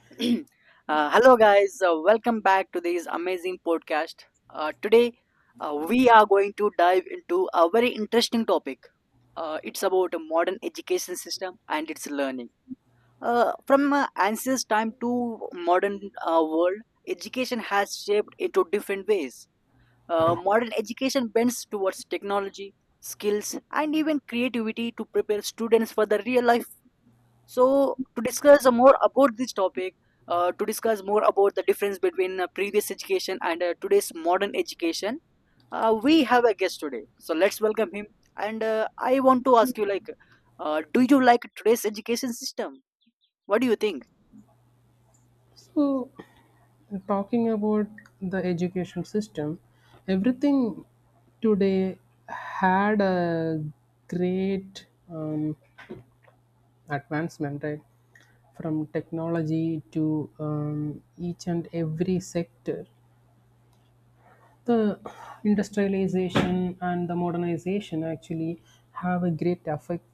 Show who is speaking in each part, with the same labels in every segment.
Speaker 1: Hello, guys. Welcome back to this amazing podcast. Today, we are going to dive into a very interesting topic. It's about a modern education system and its learning. From ancient time to modern world, education has shaped into different ways. Modern education bends towards technology, skills, and even creativity to prepare students for the real life. So to discuss more about this topic, to discuss more about the difference between previous education and today's modern education, we have a guest today. So let's welcome him. And I want to ask you, like, do you like today's education system? What do you think?
Speaker 2: So, talking about the education system, everything today had a great um, advancement, right? From technology to each and every sector. The industrialization and the modernization actually have a great effect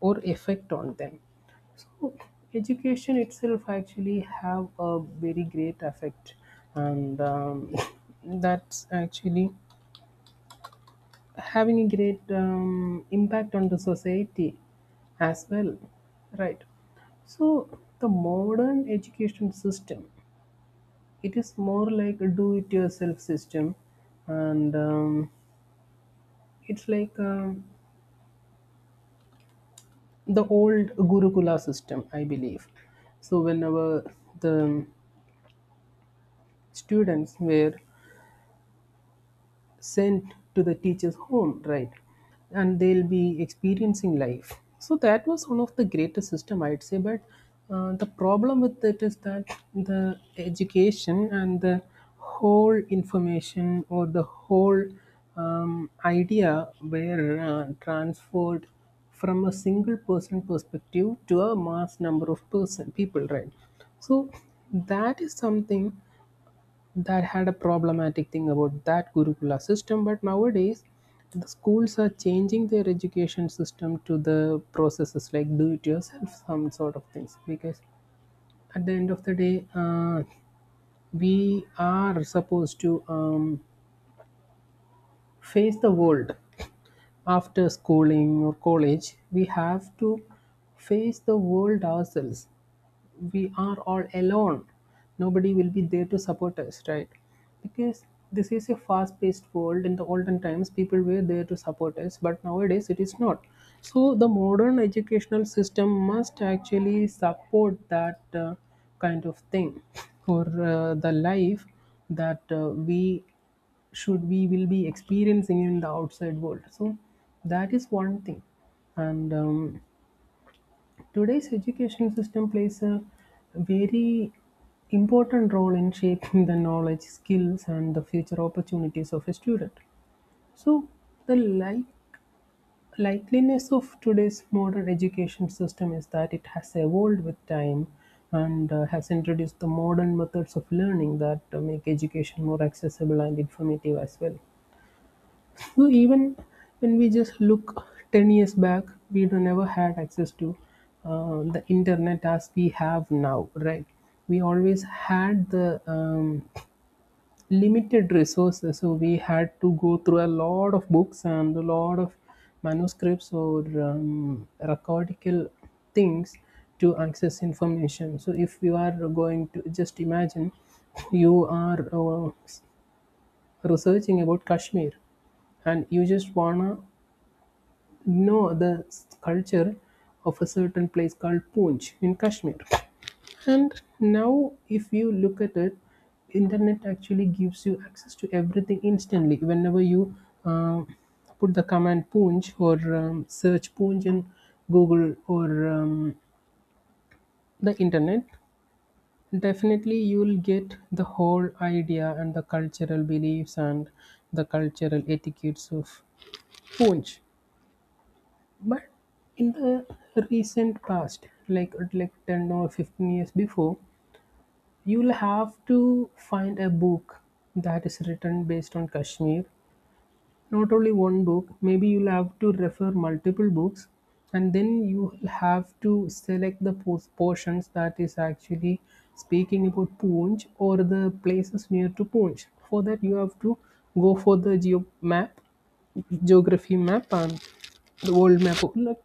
Speaker 2: or effect on them. Okay. Education itself actually have a very great effect, and that's actually having a great impact on the society as well, right? So the modern education system, it is more like a do-it-yourself system, and it's like the old Gurukula system, I believe. So whenever the students were sent to the teacher's home, right? And they'll be experiencing life. So that was one of the greatest system, I'd say. But the problem with it is that the education and the whole information or the whole idea were transferred from a single person perspective to a mass number of person people, right? So that is something that had a problematic thing about that gurukula system. But nowadays the schools are changing their education system to the processes like do it yourself, some sort of things, because at the end of the day we are supposed to face the world. After schooling or college we have to face the world ourselves. We are all alone, nobody will be there to support us, right? Because this is a fast paced world. In the olden times people were there to support us, but nowadays it is not. So the modern educational system must actually support that kind of thing or the life that we should we will be experiencing in the outside world. So that is one thing, and today's education system plays a very important role in shaping the knowledge, skills, and the future opportunities of a student. So, the likeliness of today's modern education system is that it has evolved with time and has introduced the modern methods of learning that make education more accessible and informative as well. So even when we just look 10 years back, we don't never had access to the internet as we have now, right? We always had the limited resources, so we had to go through a lot of books and a lot of manuscripts or recordical things to access information. So if you are going to just imagine you are researching about Kashmir, and you just wanna know the culture of a certain place called Poonch in Kashmir. And now, if you look at it, internet actually gives you access to everything instantly. Whenever you uh, put the command Poonch or search Poonch in Google or the internet, definitely you will get the whole idea and the cultural beliefs and the cultural etiquettes of Poonch. But in the recent past, like 10 or 15 years before, you'll have to find a book that is written based on Kashmir. Not only one book, maybe you'll have to refer multiple books, and then you'll have to select the portions that is actually speaking about Poonch or the places near to Poonch. For that, you have to go for the geo map, geography map, and the world map. Look,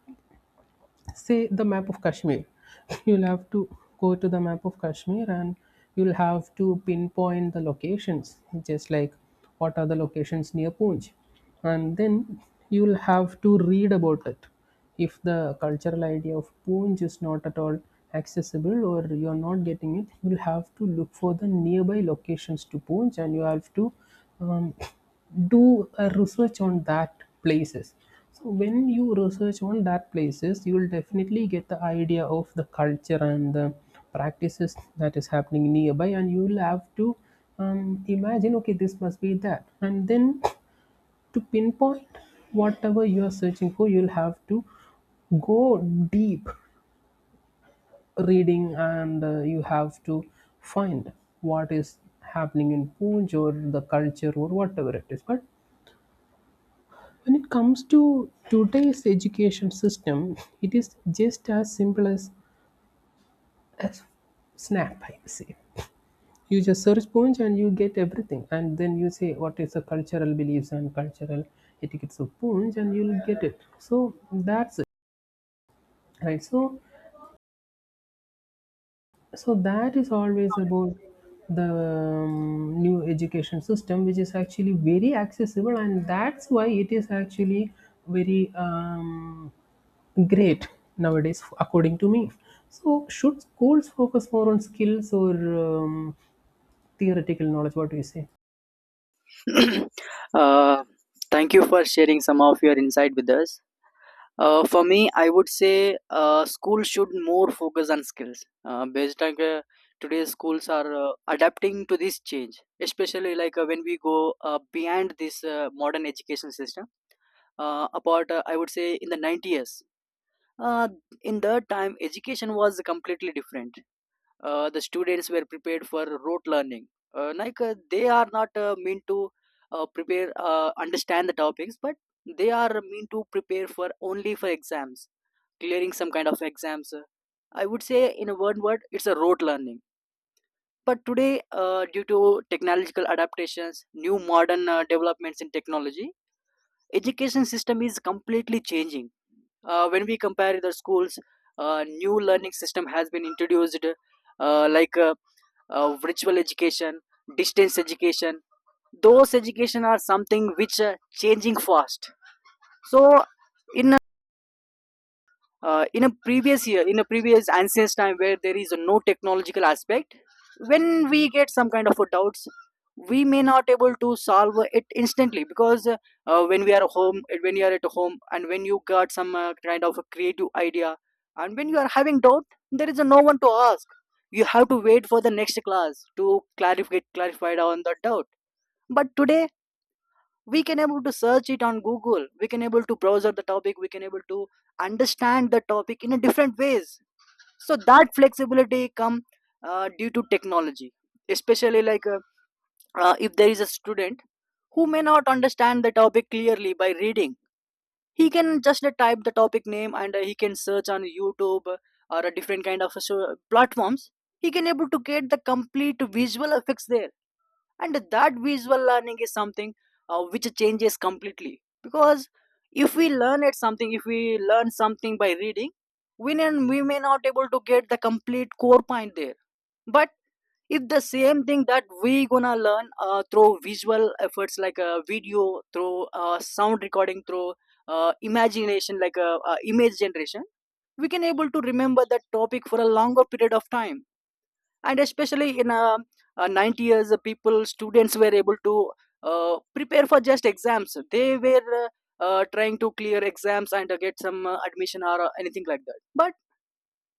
Speaker 2: say the map of Kashmir. You'll have to go to the map of Kashmir and you'll have to pinpoint the locations, just like what are the locations near Poonch, and then you'll have to read about it. If the cultural idea of Poonj is not at all accessible or you're not getting it, you'll have to look for the nearby locations to Poonj and you have to um, do a research on that places. So when you research on that places, you will definitely get the idea of the culture and the practices that is happening nearby, and you will have to imagine, okay, this must be that, and then to pinpoint whatever you are searching for, you'll have to go deep reading, and you have to find what is happening in Poonj or the culture or whatever it is. But when it comes to today's education system, it is just as simple as a snap, I say. You just search Poonj and you get everything, and then you say what is the cultural beliefs and cultural etiquettes of Poonj, and you'll get it. So that's right. So so that is always about the new education system, which is actually very accessible, and that's why it is actually very great nowadays, according to me. So should schools focus more on skills or um, theoretical knowledge? What do you say?
Speaker 1: uh, Thank you for sharing some of your insight with us. For me, I would say school should more focus on skills. Based on today's schools are adapting to this change, especially like when we go beyond this modern education system. About I would say in the 90s, uh, in that time education was completely different. The students were prepared for rote learning, like they are not meant to prepare, understand the topics, but they are meant to prepare for only for exams, clearing some kind of exams. I would say in one word it's a rote learning. But today, due to technological adaptations, new modern developments in technology, education system is completely changing. When we compare the schools, new learning system has been introduced, like virtual education, distance education. Those education are something which changing fast. So in uh, in a previous year, in a previous ancient time where there is no technological aspect, when we get some kind of a doubts we may not able to solve it instantly, because when we are home, when you are at home and when you got some kind of a creative idea and when you are having doubt, there is no one to ask. You have to wait for the next class to clarify on the doubt. But today we can able to search it on google, we can able to browse the topic, we can able to understand the topic in a different ways. So that flexibility come due to technology, especially like if there is a student who may not understand the topic clearly by reading, he can just type the topic name and he can search on youtube, or a different kind of platforms. He can able to get the complete visual effects there, and that visual learning is something which changes completely. Because if we learn at something, if we learn something by reading, we may not able to get the complete core point there. But if the same thing that we gonna learn through visual efforts, like a video, through sound recording, through imagination, like image generation, we can able to remember that topic for a longer period of time. And especially in 90 years, people students were able to prepare for just exams. They were trying to clear exams and get some admission or anything like that, but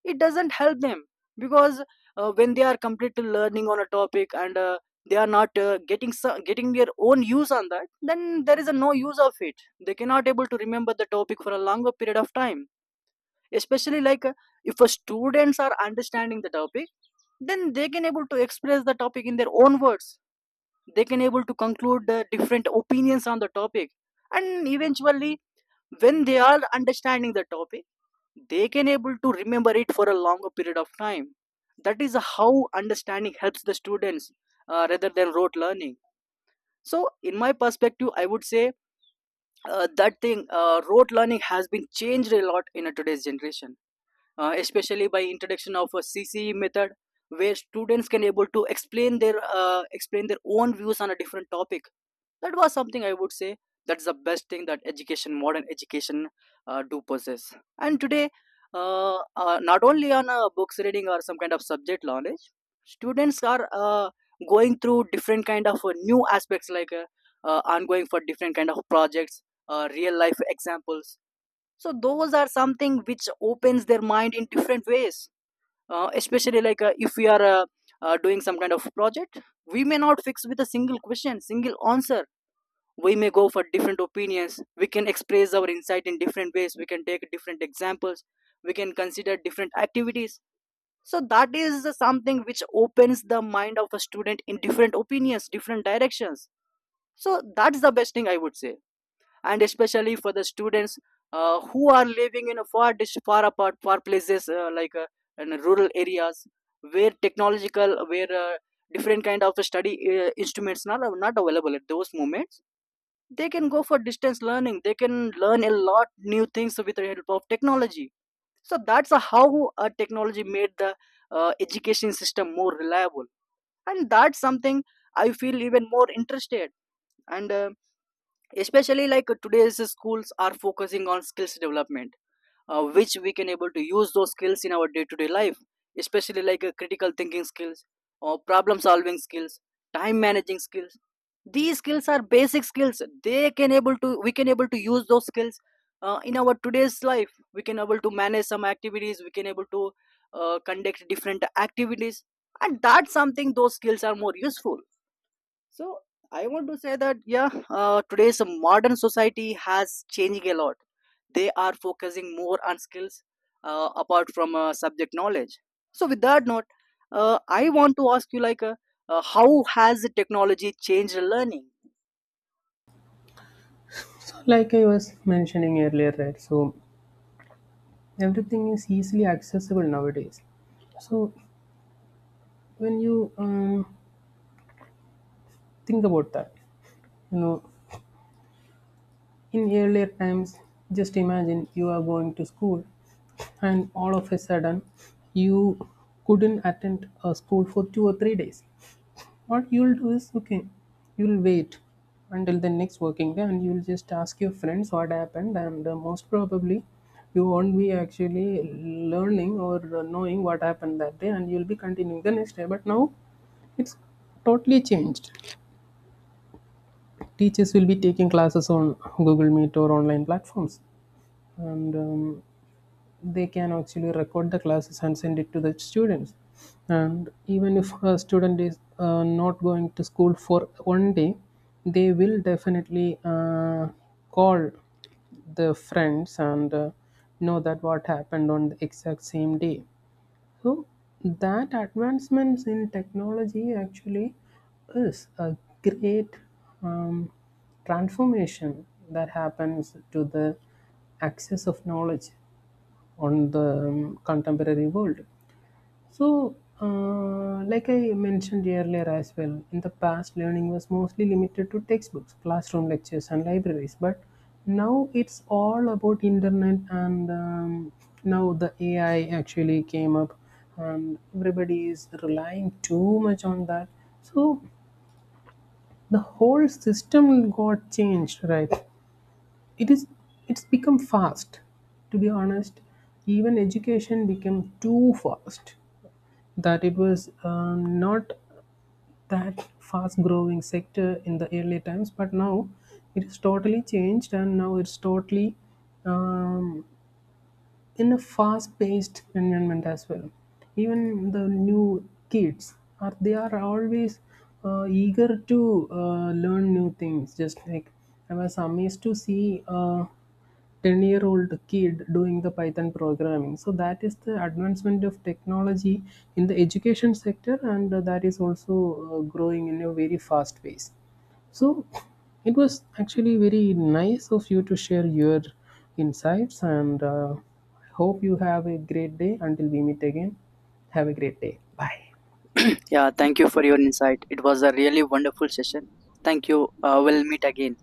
Speaker 1: it doesn't help them. Because when they are completely learning on a topic and they are not getting their own use on that, then there is a no use of it. They cannot able to remember the topic for a longer period of time. Especially like if a students are understanding the topic, then they can able to express the topic in their own words. They can able to conclude the different opinions on the topic. And eventually when they are understanding the topic, they can able to remember it for a longer period of time. That is how understanding helps the students, rather than rote learning. So in my perspective I would say that thing, rote learning has been changed a lot in a today's generation, especially by introduction of a CCE method, where students can able to explain their explain their own views on a different topic. That was something I would say, that's the best thing that education, modern education, do possess. And today, not only on books reading or some kind of subject knowledge, students are going through different kind of new aspects, like ongoing for different kind of projects, real life examples. So those are something which opens their mind in different ways. Especially like if we are doing some kind of project, we may not fix with a single question, single answer. We may go for different opinions, we can express our insight in different ways, we can take different examples, we can consider different activities. So that is something which opens the mind of a student in different opinions, different directions. So that's the best thing I would say. And especially for the students who are living in a far apart, far places, like in rural areas where technological, where different kind of study instruments, not available at those moments, they can go for distance learning. They can learn a lot new things with the help of technology. So that's how technology made the education system more reliable, and that's something I feel even more interested. And especially like today's schools are focusing on skills development, which we can able to use those skills in our day-to-day life, especially like critical thinking skills, or problem solving skills, time managing skills. These skills are basic skills. They can able to, we can able to use those skills in our today's life. We can able to manage some activities, we can able to conduct different activities, and that's something, those skills are more useful. So I want to say that, yeah, today's modern society has changed a lot. They are focusing more on skills apart from subject knowledge. So with that note, I want to ask you, like, how has technology changed learning?
Speaker 2: So like I was mentioning earlier, right? So everything is easily accessible nowadays. So when you think about that, you know, in earlier times, just imagine you are going to school and all of a sudden you couldn't attend a school for 2 or 3 days. What you'll do is okay, you'll wait until the next working day and you'll just ask your friends what happened, and most probably you won't be actually learning or knowing what happened that day, and you'll be continuing the next day. But now it's totally changed. Teachers will be taking classes on Google Meet or online platforms, and they can actually record the classes and send it to the students. And even if a student is not going to school for one day, they will definitely call the friends and know that what happened on the exact same day. So that advancements in technology actually is a great um, transformation that happens to the access of knowledge on the contemporary world. So, like I mentioned earlier as well, in the past, learning was mostly limited to textbooks, classroom lectures, and libraries. But now it's all about internet, and now the AI actually came up, and everybody is relying too much on that. So the whole system got changed, right? It is it's become fast. To be honest, even education became too fast, that it was not that fast growing sector in the early times, but now it is totally changed and now it's totally um, in a fast paced environment as well. Even the new kids are, they are always eager to learn new things. Just like I was amazed to see a 10-year-old year old kid doing the python programming. So that is the advancement of technology in the education sector, and that is also growing in a very fast pace. So it was actually very nice of you to share your insights, and I hope you have a great day. Until we meet again, have a great day. Bye.
Speaker 1: Yeah, thank you for your insight. It was a really wonderful session. Thank you. We'll meet again.